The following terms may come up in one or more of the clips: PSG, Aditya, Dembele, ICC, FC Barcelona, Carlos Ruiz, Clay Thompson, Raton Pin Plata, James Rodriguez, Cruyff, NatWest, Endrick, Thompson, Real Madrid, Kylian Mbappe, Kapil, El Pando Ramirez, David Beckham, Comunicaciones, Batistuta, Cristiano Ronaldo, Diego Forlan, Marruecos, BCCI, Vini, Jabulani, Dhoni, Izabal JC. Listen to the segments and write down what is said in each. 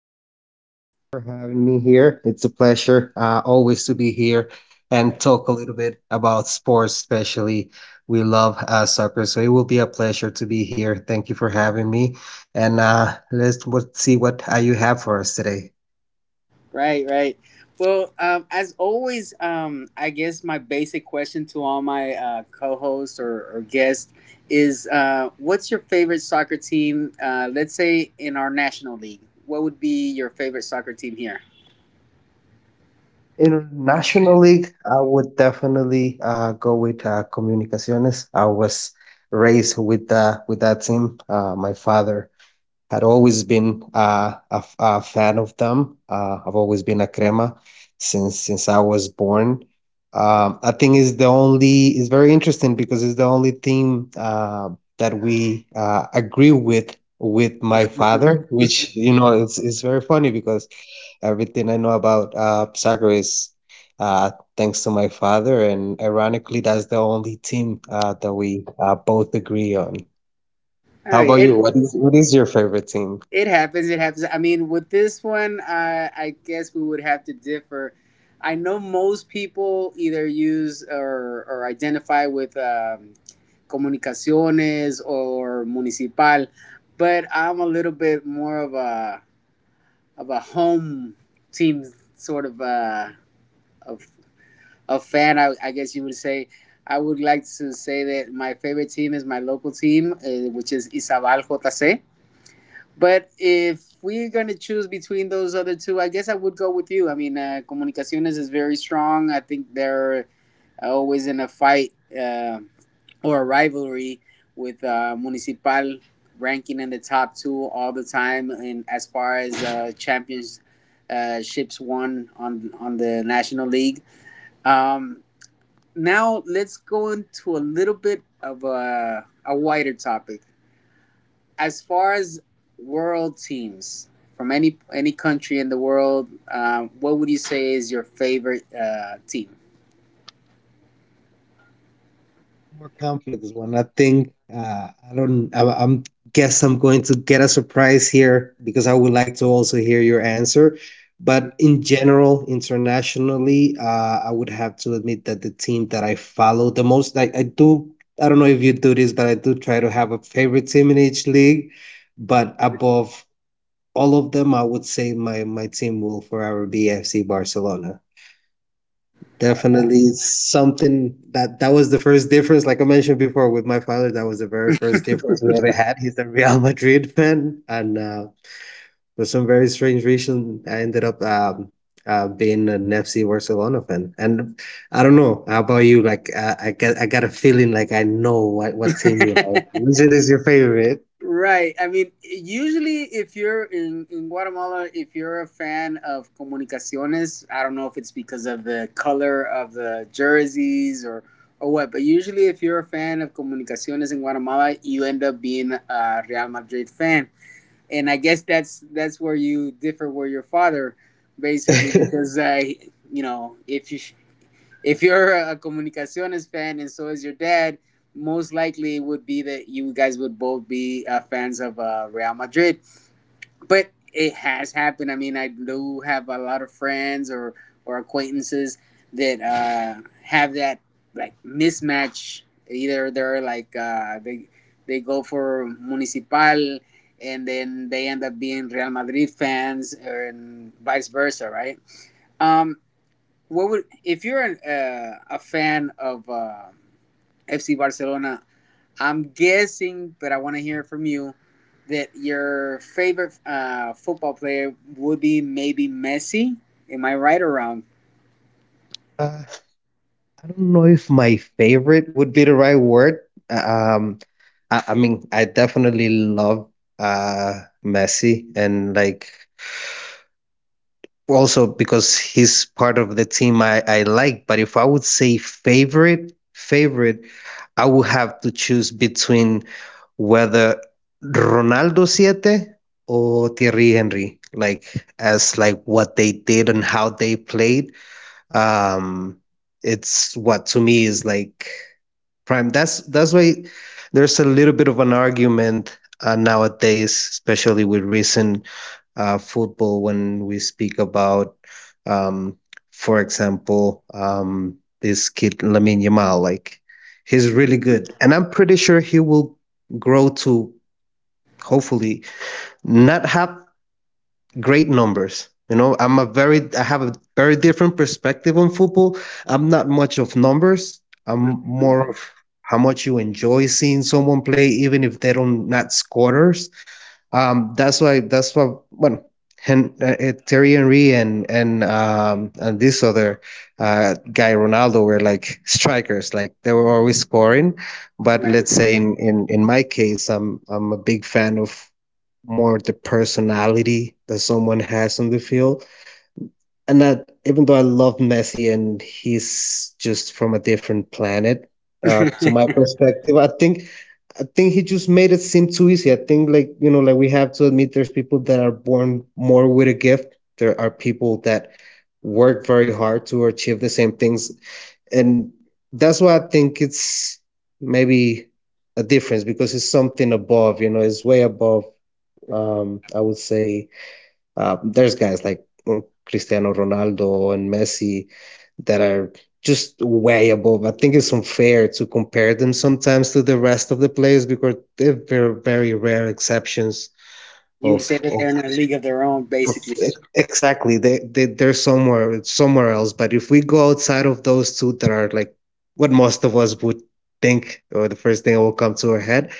Hector, thank you. Thank you for having me here. It's a pleasure always to be here and talk a little bit about sports, especially. We love soccer, so it will be a pleasure to be here. Thank you for having me. And see what you have for us today. Right, right. Well, as always, I guess my basic question to all my co-hosts or guests is, what's your favorite soccer team? Let's say in our national league, what would be your favorite soccer team here? International League, I would definitely go with Comunicaciones. I was raised with that team. My father had always been a fan of them. I've always been a crema since I was born. I think is, the only it's, very interesting because it's the only thing that we agree with my father, which you know it's very funny because everything I know about soccer is. Uh, Thanks to my father, and ironically, that's the only team that we both agree on. Oh, How about it you? What is your favorite team? it happens. It happens. I mean, with this one, I guess we would have to differ. I know most people either use or identify with Comunicaciones or Municipal, but I'm a little bit more of a home team sort of a fan. I guess you would say. I would like to say that my favorite team is my local team, which is Izabal JC. But if we're going to choose between those other two, I guess I would go with you. I mean, Comunicaciones is very strong. I think they're always in a fight or a rivalry with Municipal, ranking in the top two all the time, and as far as champions ships won on the National League. Um, now let's go into a little bit of a wider topic as far as world teams from any country in the world. What would you say is your favorite team? More complex one. I think I don't. I'm guess I'm going to get a surprise here because I would like to also hear your answer. But in general, internationally, I would have to admit that the team that I follow the most, I do. I don't know if you do this, but I do try to have a favorite team in each league. But above all of them, I would say my team will forever be FC Barcelona. Definitely something that was the first difference. Like I mentioned before, with my father, that was the very first difference we ever had. He's a Real Madrid fan, and for some very strange reason, I ended up being an FC Barcelona fan. And I don't know how about you. Like I got a feeling like I know what team you like. Which is your favorite? Right. I mean, usually if you're in Guatemala, if you're a fan of Comunicaciones, I don't know if it's because of the color of the jerseys or what, but usually if you're a fan of Comunicaciones in Guatemala, you end up being a Real Madrid fan. And I guess that's where you differ with your father, basically, because you know if you if you're a Comunicaciones fan and so is your dad, most likely it would be that you guys would both be fans of Real Madrid. But it has happened. I mean, I do have a lot of friends or acquaintances that have that, like, mismatch. Either they're like they go for Municipal and then they end up being Real Madrid fans, or and vice versa, right? Um, what would if you're a fan of FC Barcelona? I'm guessing, but I want to hear from you that your favorite football player would be maybe Messi. Am I right or wrong? Uh, I don't know if my favorite would be the right word. Uh, Um, I mean, I definitely love uh, Messi, and like also because he's part of the team I like. But if I would say favorite, favorite, I would have to choose between whether Ronaldo Siete or Thierry Henry, like as like what they did and how they played um it's what to me is like prime. That's why there's a little bit of an argument nowadays, especially with recent football, when we speak about um for example, this kid Lamin Yamal. Like, he's really good and I'm pretty sure he will grow to hopefully not have great numbers. You know, I'm a very, I have a very different perspective on football. I'm not much of numbers. I'm Mhm. more of how much you enjoy seeing someone play, even if they don't not scorers. That's why, that's what, well, Hen- Terry Henry and and this other guy Ronaldo were like strikers, like they were always scoring. But Right. let's say in my case, I'm a big fan of more the personality that someone has on the field. And that even though I love Messi and he's just from a different planet, to my perspective, I think he just made it seem too easy. I think, like, you know, like we have to admit there's people that are born more with a gift. There are people that work very hard to achieve the same things. And that's why I think it's maybe a difference because it's something above, you know, it's way above. I would say there's guys like Cristiano Ronaldo and Messi that are just way above. I think it's unfair to compare them sometimes to the rest of the players because they're very, very rare exceptions You'd say of that of, they're in a league of their own, of basically. exactly they're somewhere else. But if we go outside of those two that are like what most of us would think or the first thing that will come to our head,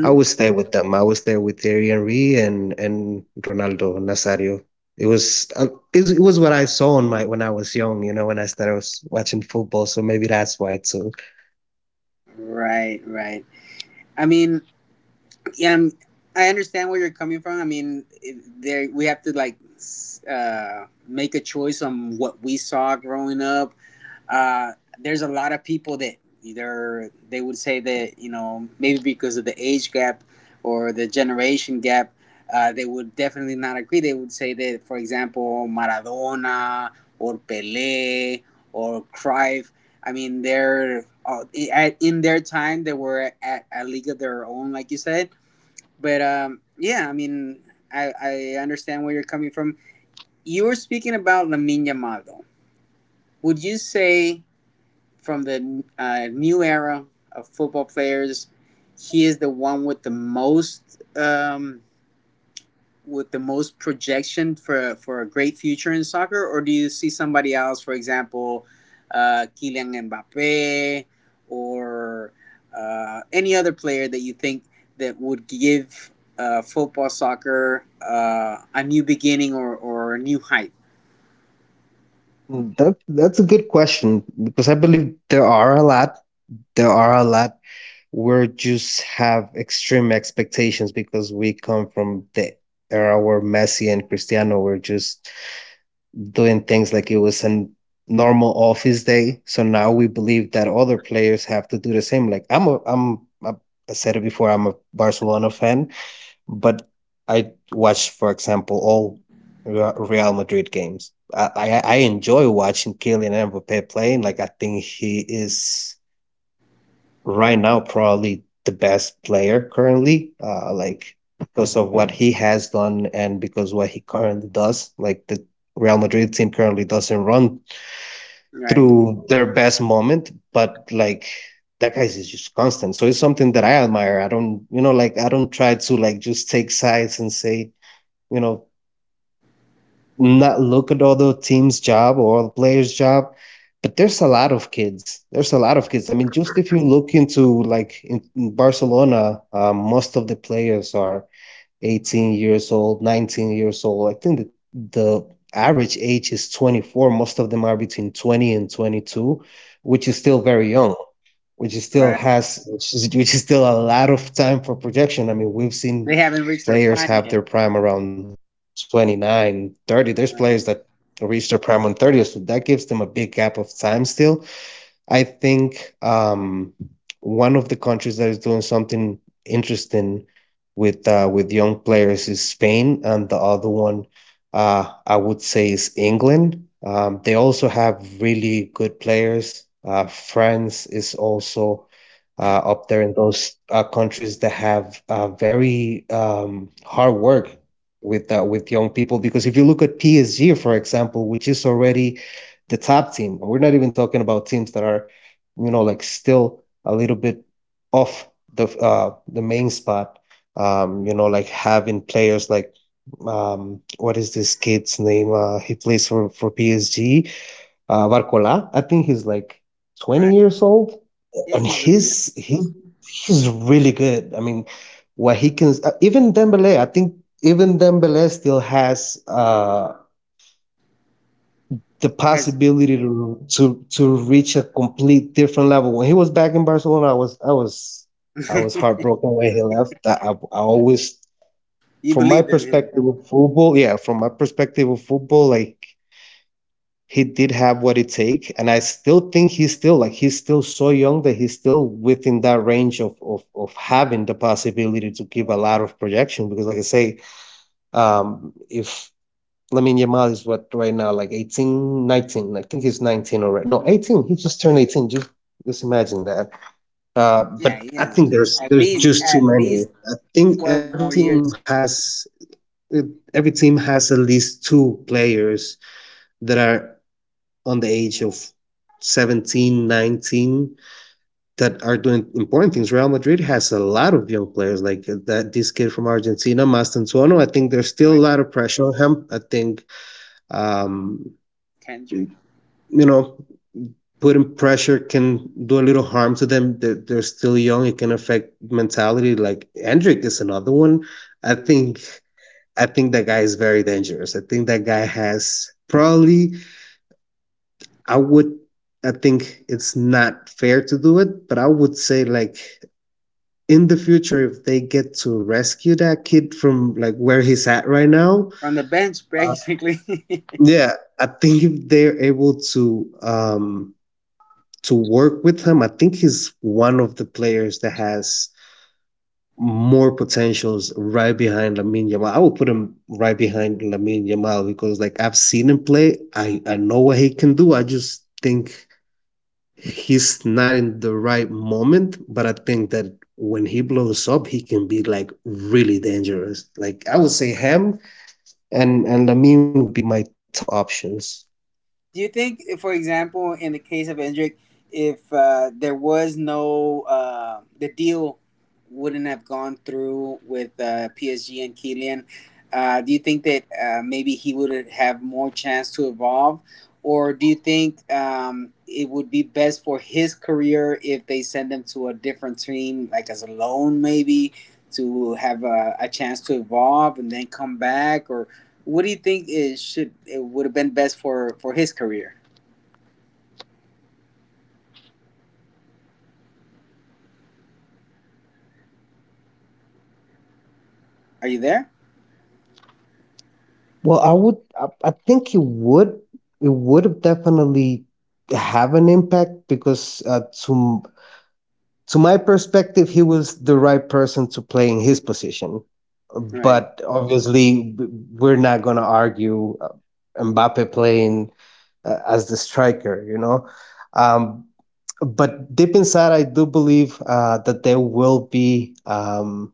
I would stay with them. I would stay with Thierry Henry and Ronaldo Nazario. It was uh, it was it was what I saw on my when I was young, you know, when I started was watching football. So maybe that's why too. Right, right. I mean, yeah, I understand where you're coming from. I mean, there we have to, like, make a choice on what we saw growing up. Uh, there's a lot of people that either they would say that maybe because of the age gap or the generation gap, they would definitely not agree. They would say that, for example, Maradona or Pele or Cruyff, I mean, they're in their time, they were at a league of their own, like you said. But yeah, I mean, I understand where you're coming from. You were speaking about Lamin Yamaldo. Would you say from the new era of football players, he is the one with the most projection for a great future in soccer, or do you see somebody else, for example, Kylian Mbappe, or any other player that you think that would give football, soccer, a new beginning or a new height? That's a good question because I believe there are a lot. There are a lot. We just have extreme expectations because we come from the era where Messi and Cristiano were just doing things like it was a normal office day. So now we believe that other players have to do the same. Like I said it before, I'm a Barcelona fan, but I watch, for example, all Real Madrid games. I enjoy watching Kylian Mbappe playing. Like I think he is right now probably the best player currently. Like, because of what he has done and because what he currently does. Like the Real Madrid team currently doesn't run Right, through their best moment, but like that guy is just constant. So it's something that I admire. I don't, you know, like I don't try to like just take sides and say, you know, not look at all the team's job or the player's job, but there's a lot of kids. There's a lot of kids. I mean, just if you look into like in Barcelona, most of the players are 18 years old, 19 years old. I think the average age is 24. Most of them are between 20 and 22, which is still very young, which is still right. has, which is still a lot of time for projection. I mean, we've seen They haven't reached their players prime have yet. their prime around 29, 30. There's Right, players that reach their prime on 30, so that gives them a big gap of time still. I think one of the countries that is doing something interesting with young players is Spain, and the other one I would say is England. They also have really good players. France is also up there in those countries that have very hard work with young people. Because if you look at PSG, for example, which is already the top team, and we're not even talking about teams that are, you know, like still a little bit off the main spot. You know, like having players like what is this kid's name? He plays for PSG. Varcola. I think he's like 20 right. years old, Yeah, and he's really young. He's really good. I mean, what he can even Dembele. I think even Dembele still has the Yes, possibility to reach a complete different level. When he was back in Barcelona, I was heartbroken when he left. I always you from my believed in him. perspective of football, yeah, from my perspective of football, like he did have what it take, and I still think he's still like he's still so young that he's still within that range of having the possibility to give a lot of projection because, like I say, if Lamine Yamal is what right now like 18, 19, 19, I think he's 19 already. No, Hmm. 18. He just turned 18. Just imagine that. Yeah, But he I has think at there's least just too at many. least I think 12 every more team years, has it, every team has at least two players that are on the age of 17, 19 that are doing important things. Real Madrid has a lot of young players like that. This kid from Argentina, Mastantuono. I think there's still a right, lot of pressure on him. I think, um, Kendrick? you know, putting pressure can do a little harm to them. They're still young. It can affect mentality. Like Hendrik is another one. I Mhm. think I think that guy is very dangerous. I think that guy has probably, I would, I think it's not fair to do it, but I would say like in the future, if they get to rescue that kid from like where he's at right now, From the bench, uh, basically. yeah, I think if they're able to work with him, I think he's one of the players that has more potentials right behind Lamine Yamal. I would put him right behind Lamine Yamal because like I've seen him play. I know what he can do. I just think he's not in the right moment, but I think that when he blows up, he can be like really dangerous. Like I would say him and Lamine would be my top options. Do you think, for example, in the case of Endrick, if there was no the deal wouldn't have gone through with PSG and Kylian? Do you think that maybe he would have more chance to evolve, or do you think it would be best for his career if they send him to a different team, like as a loan, maybe to have a chance to evolve and then come back, or what do you think is should it would have been best for his career? Are you there? Well, I would I think it would have definitely have an impact because to my perspective, he was the right person to play in his position. Right. But obviously, we're not going to argue Mbappe playing as the striker. Um, but deep inside, I do believe that there will be um,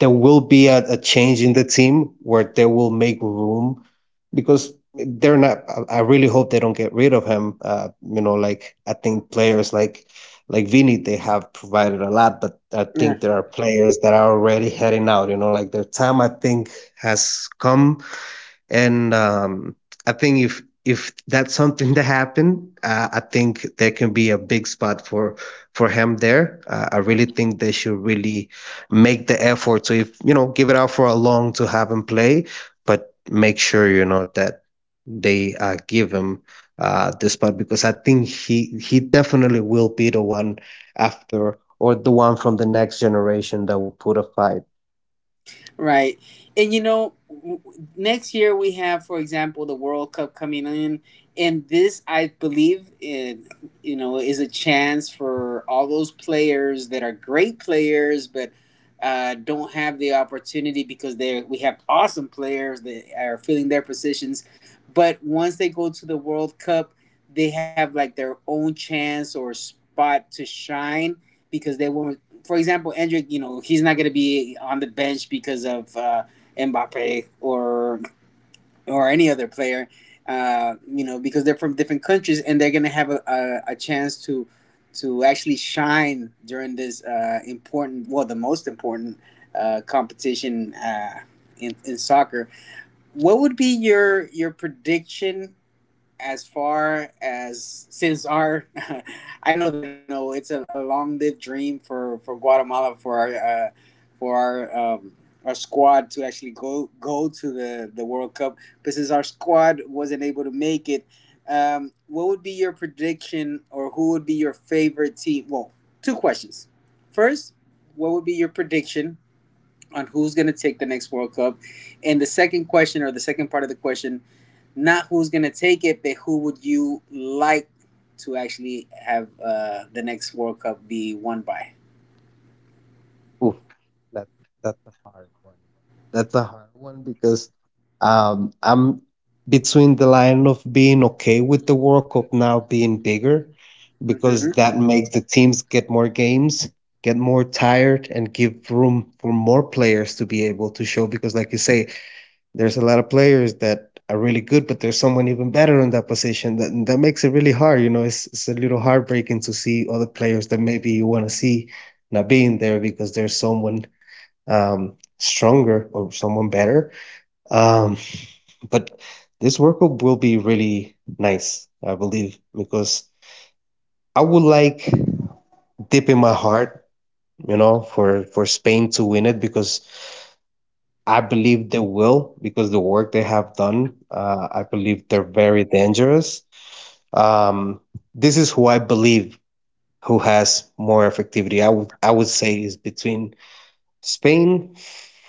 there will be a change in the team where they will make room because they're not. Really hope they don't get rid of him. Like I think players like Vini, they have provided a lot, but I think there are players that are already heading out. Like their time I think has come, and I think if that's something to happen, I think there can be a big spot for him there. I really think they should really make the effort to, if give it out for a long to have him play, but make sure you know that they give him the spot, because I think he definitely will be the one after, or the one from the next generation that would put a fight. Right. And next year we have, for example, the World Cup coming in. And this, I believe, is a chance for all those players that are great players, but don't have the opportunity because they we have awesome players that are filling their positions. But once they go to the World Cup, they have, like, their own chance or spot to shine because they were, for example, Endrick, he's not going to be on the bench because of Mbappe or any other player, because they're from different countries and they're going to have a chance to actually shine during this important, well, the most important competition in soccer. What would be your prediction as far as, since our, I know that it's a long-lived dream for Guatemala uh, for our squad to actually go to the World Cup. But since our squad wasn't able to make it, what would be your prediction, or who would be your favorite team? Well, two questions. First, what would be your prediction on who's going to take the next World Cup? And the second question, or the second part of the question, not who's gonna take it, but who would you like to actually have the next World Cup be won by? That that's a hard one. That's a hard one because I'm between the line of being okay with the World Cup now being bigger, because Mm-hmm. that makes the teams get more games, get more tired, and give room for more players to be able to show because, like you say, there's a lot of players that are really good, but there's someone even better in that position that that makes it really hard. You know, it's a little heartbreaking to see other players that maybe you want to see not being there because there's someone stronger or someone better. Um, but this workup will be really nice, I believe, because I would like, deep in my heart, for Spain to win it, because I believe they will because the work they have done, I believe they're very dangerous. Um, this is who I believe who has more effectivity. I would say is between Spain,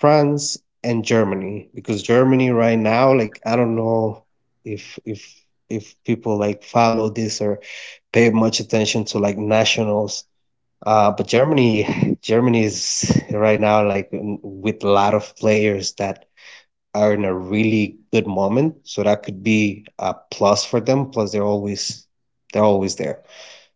France, and Germany, because Germany right now, like I don't know if if if people like follow this or pay much attention to like nationals. But Germany, Germany is right now like with a lot of players that are in a really good moment, so that could be a plus for them. Plus, they're always there.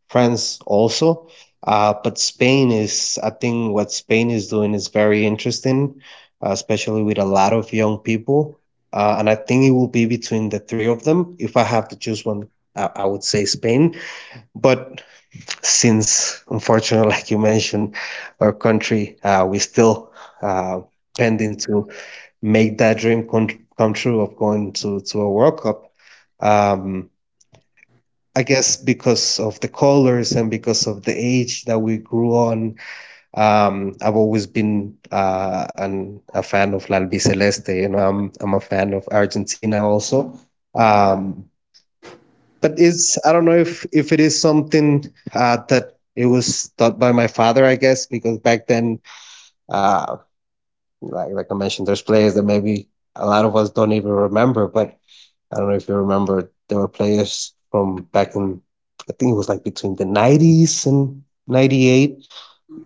France also. But Spain is, I think, what Spain is doing is very interesting, especially with a lot of young people. And I think it will be between the three of them. If I have to choose one, I would say Spain. But since, unfortunately, like you mentioned, our country, we still uh, pending to make that dream come true of going to a World Cup. Um, I guess because of the colors and because of the age that we grew on, I've always been a fan of L'Albi Celeste. You know, I'm a fan of Argentina also. Um, but it's I don't know if it is something that it was taught by my father, I guess, because back then, uh, like I mentioned, there's players that maybe a lot of us don't even remember, but I don't know if you remember, there were players from back in, I think it was like between the 90s and 98.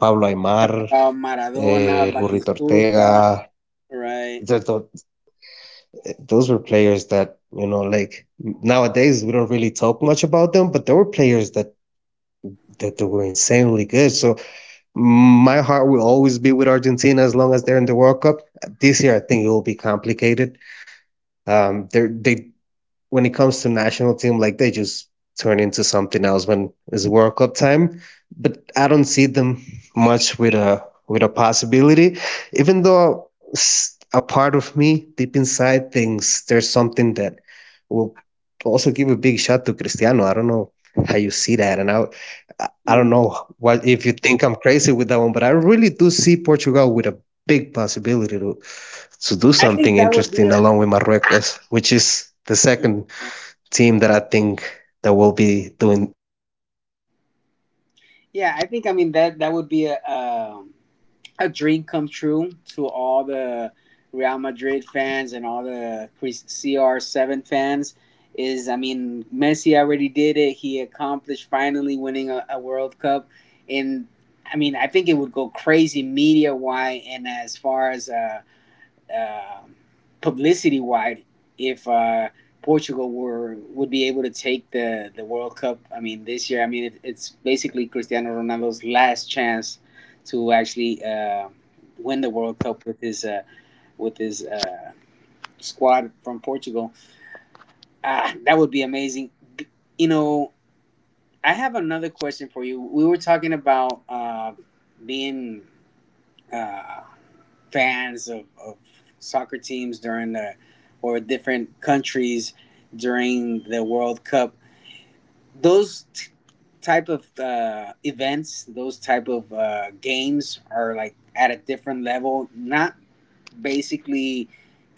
Pablo Aimar, Maradona, El Burrito Batistuta, Ortega. right? Those were players that, like nowadays we don't really talk much about them, but there were players that they were insanely good. So my heart will always be with Argentina as long as they're in the World Cup. This year, I think it will be complicated. They when it comes to national team, like they just turn into something else when it's World Cup time. But I don't see them much with a possibility, even though a part of me deep inside thinks there's something that will also give a big shot to Cristiano. I don't know how you see that, and I don't Mm. know what if you think I'm crazy with that one, but I really do see Portugal with a big possibility to do I think something that would be interesting a, along with Marruecos, which is the second team that I think that will be doing interesting things on the World Cup? yeah. I think I mean that would be a dream come true to all the Real Madrid fans and all the CR7 fans. Is I mean, Messi already did it. He accomplished finally winning a World Cup, and I mean, I think it would go crazy media wise, and as far as uh, publicity wide, if Portugal were would be able to take the World Cup. I mean, this year. I mean, it's basically Cristiano Ronaldo's last chance to actually win the World Cup with his with his uh, squad from Portugal. Ah, that would be amazing. You know, I have another question for you. We were talking about being uh, fans of soccer teams during the or different countries during the World Cup. Those type of events, those type of games are like at a different level. Not basically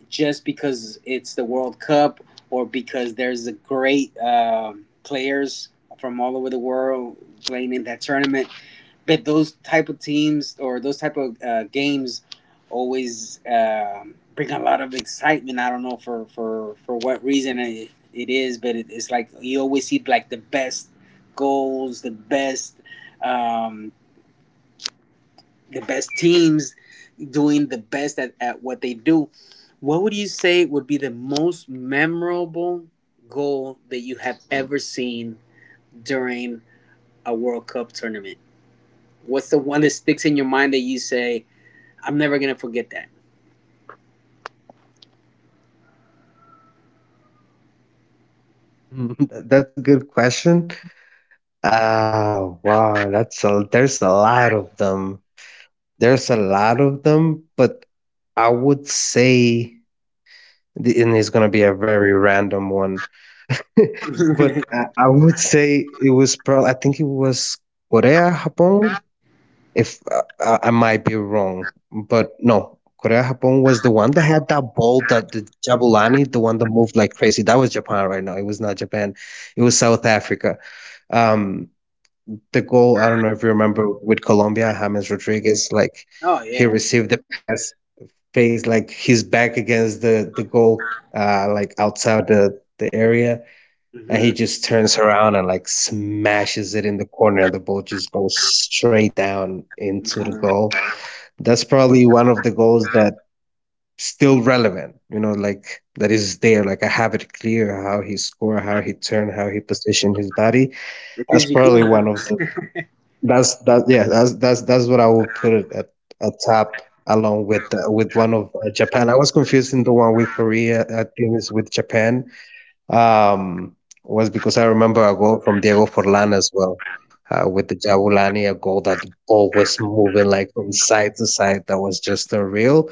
just because it's the World Cup or because there's a great players from all over the world playing in that tournament. But those type of teams or those type of games always bring a lot of excitement. I don't know for what reason it is, but it's like you always see, like, the best goals, the um, best teams doing the best at what they do. What would you say would be the most memorable goal that you have ever seen during a World Cup tournament? What's the one that sticks in your mind that you say, I'm never gonna forget that? Mm-hmm. That's a good question. Wow, that's a there's a lot of them. There's a lot of them, but I would say and it's gonna be a very random one. But I would say it was probably I think it was Korea, Japan. If I might be wrong, but no, Korea Japan was the one that had that ball, that the Jabulani, the one that moved like crazy. That was Japan right now. It was not Japan. It was South Africa. Um, the goal, I don't know if you remember with Colombia, James Rodriguez, like Oh, he yeah. received the pass, face like his back against the goal, like outside the area. And Hmm. he just turns around and like smashes it in the corner, and the ball just goes straight down into the goal. That's probably one of the goals that still relevant, like that is there, like I have it clear how he scored, how he turned, how he positioned his body. It That's gives you probably one of the goosebumps. that's that yeah, that's what I would put it at top along with one of Japan. I was confusing the one with Korea. I think it's with Japan. Um, was because I remember a goal from Diego Forlan as well. With the Jabulani, a goal that the ball was moving like from side to side. That was just unreal.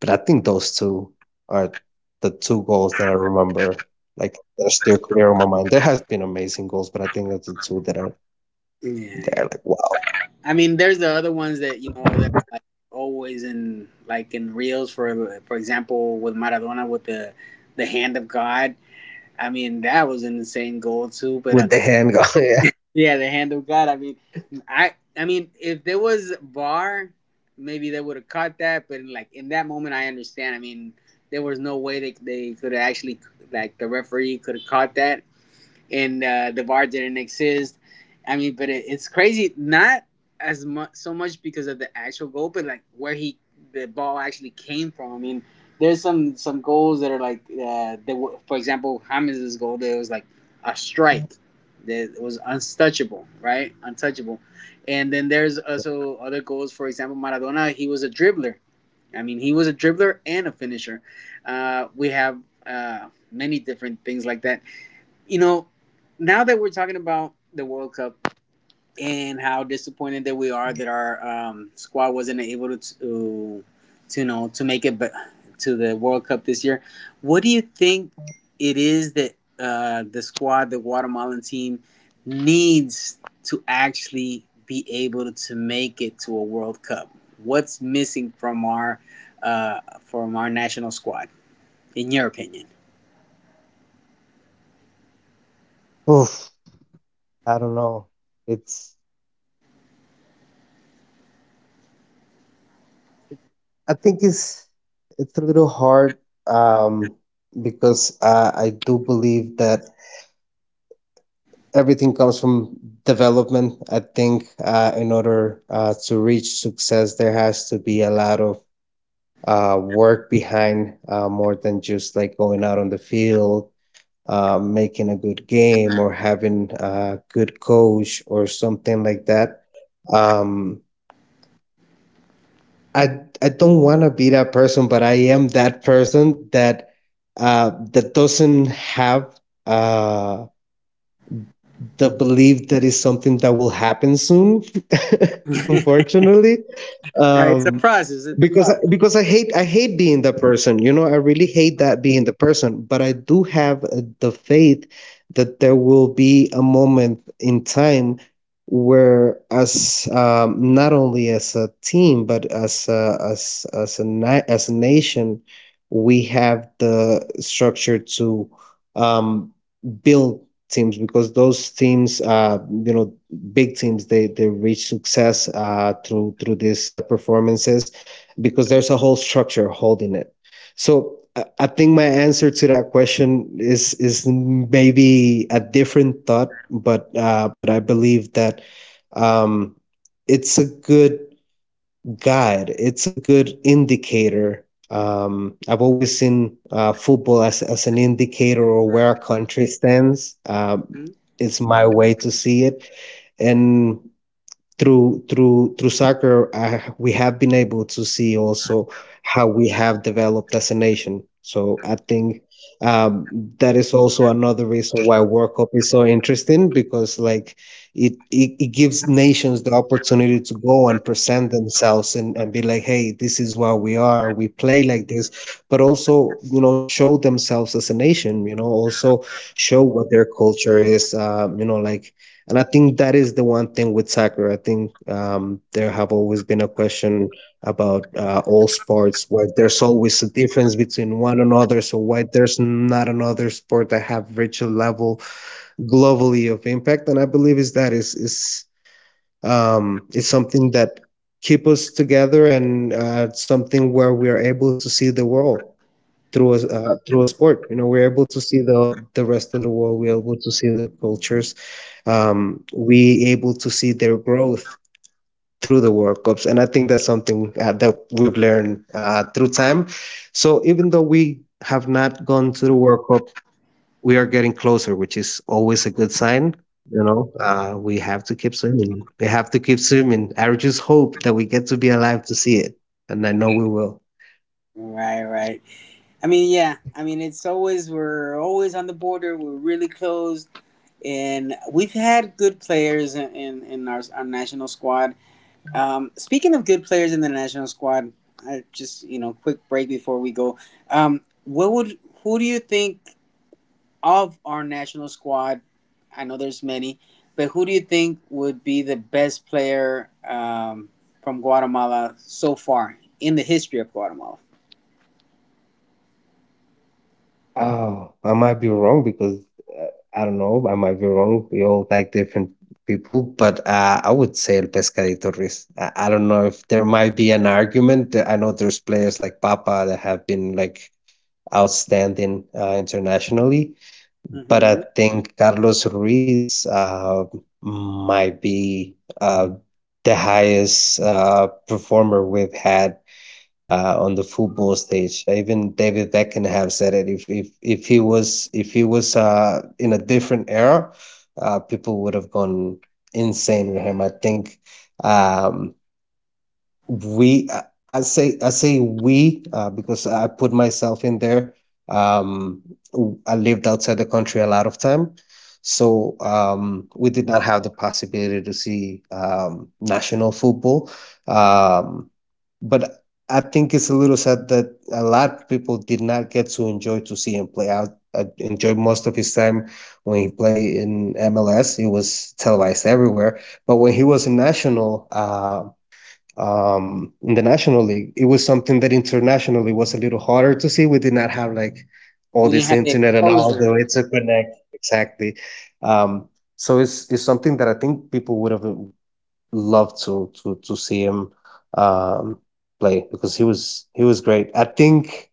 But I think those two are the two goals that I remember, like that are still clear on my mind. There has been amazing goals, but I think those are the two that are Yeah, there, yeah. like wow, I mean, there's the other ones that that, like, always in reels, for example, with Maradona, with the hand of God. I mean, that was an insane goal too. But with the hand going. Yeah. yeah, the hand of God. I mean, if there was VAR, maybe they would have caught that. But, like, in that moment, I understand. I mean, there was no way they could have actually, like, the referee could have caught that, and the bar didn't exist. I mean, but it's crazy. Not as much, so much because of the actual goal, but like where he the ball actually came from. I mean, there's some goals that are like, they were, for example, Hamid's goal. There was, like, a strike that was untouchable, right? Untouchable. And then there's also other goals. For example, Maradona, he was a dribbler. I mean, he was a dribbler and a finisher. We have many different things like that. You know, Now that we're talking about the World Cup and how disappointed that we are that our squad wasn't able to make it to the World Cup this year, what do you think it is that the squad, the Guatemalan team, needs to actually be able to make it to a World Cup? What's missing from our national squad, in your opinion? Oof, I don't know. It's I think it's a little hard, um, because I do believe that everything comes from development. I think in order to reach success, there has to be a lot of work behind, more than just like going out on the field, making a good game, or having a good coach or something like that. Um, I don't want to be that person, but I am that person that doesn't have uh, the belief that is something that will happen soon. Unfortunately, Right, it's a um, process. It's a because process. because I hate being the person. You know, I really hate that being the person, but I do have the faith that there will be a moment in time where as not only as a team but as a, as as a na- as a nation we have the structure to um, build teams, because those teams, you know big teams, they reach success through these performances, because Mm-hmm. there's a whole structure holding it. So I think my answer to that question is maybe a different thought, but I believe that, um, it's a good guide. It's a good indicator. I've always seen football as an indicator of where a country stands. It's my way to see it, and through soccer we have been able to see also how we have developed as a nation. So I think, um, that is also another reason why World Cup is so interesting, because like it gives nations the opportunity to go and present themselves, and be like, hey, this is what we are, we play like this, but also show themselves as a nation, also show what their culture is, like, and I think that is the one thing with soccer. I think, there have always been a question about, all sports where there's always a difference between one another. So why there's not another sport that have reached a level globally of impact? And I believe is that is something that keep us together, and something where we are able to see the world through a sport. You know, we're able to see the rest of the world. We're able to see their cultures. We able to see their growth through the World Cups, and I think that's something that we've learned through time. So even though we have not gone to the World Cup, we are getting closer, which is always a good sign. We have to keep swimming. We have to keep swimming. I just hope that we get to be alive to see it, and I know we will. Right, right. I mean, yeah. I mean, it's always, we're always on the border. We're really close, and we've had good players in our national squad. Speaking of good players in the national squad, I just, quick break before we go. What would Who do you think of our national squad? I know there's many, but who do you think would be the best player from Guatemala so far in the history of Guatemala? Oh, I might be wrong because uh, I don't know. I might be wrong. We all like different people, but I would say El Pescadito Ruiz. I don't know if there might be an argument. I know there's players like Papa that have been like outstanding internationally, but I Hmm. think Carlos Ruiz might be uh, the highest performer we've had on the football stage. Even David Beckham said it. If he was in a different era, people would have gone insane with him. I think um, we. I say we because I put myself in there. Um, I lived outside the country a lot of time, so we did not have the possibility to see national football. Um, but I think it's a little sad that a lot of people did not get to enjoy to see him play. I enjoyed most of his time when he played in MLS. It was televised everywhere. But when he was in in the national league, it was something that internationally was a little harder to see. We did not have like all We didn't this have the internet and all the exposure. way to connect exactly. Um, so it's something that I think people would have love to see him um, play, because he was great. I think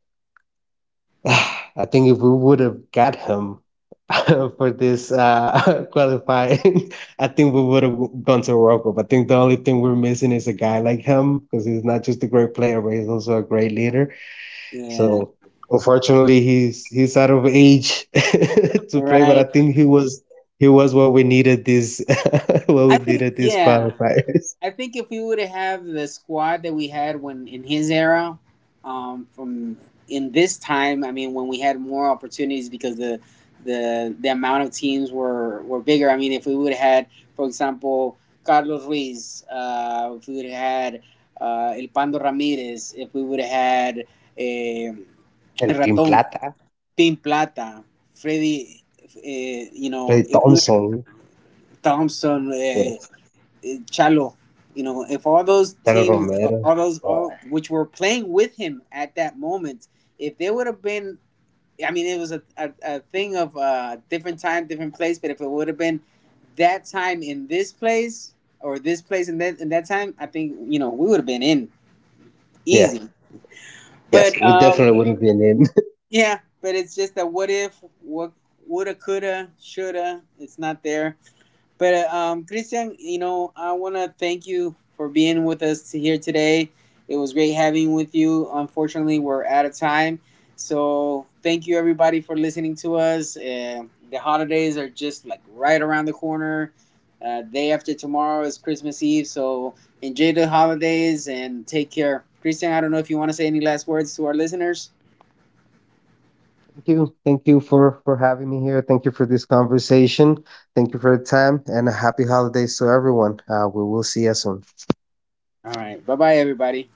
I think if we would have got him for this qualifying, I think we would have gone to a World Cup. I think the only thing we're missing is a guy like him, because he's not just a great player, but he's also a great leader. Yeah. So unfortunately, he's out of age to play. But I Right. think he was what we needed this what I we think, needed this yeah. qualifier. I think if we would have had the squad that we had when in his era, from in this time, I mean, when we had more opportunities because the amount of teams were bigger. I mean, if we would have had, for example, Carlos Ruiz, if we would have had El Pando Ramirez, if we would have had eh, El Team Raton Plata. Pin Plata, Freddy, Clay if we would, Thompson. Thompson, Yes. Chalo. If all those Ken teams, Romero. all those, all Yeah. which were playing with him at that moment, if they would have been, I mean, it was a thing of different time, different place. But if it would have been that time in this place or this place in that time, I think we would have been in Yes. easy. Yes. But We definitely would have been in. yeah, but it's just that what if, what woulda, coulda, shoulda. It's not there. But Christian, I want to thank you for being with us here today. It was great having with you. Unfortunately, we're out of time. So thank you everybody for listening to us. The holidays are just, like, right around the corner. Day after tomorrow is Christmas Eve. So enjoy the holidays and take care. Christian, I don't know if you want to say any last words to our listeners. Thank you. Thank you for having me here. Thank you for this conversation. Thank you for the time, and happy holidays to everyone. We will see you soon. All right. Bye bye, everybody.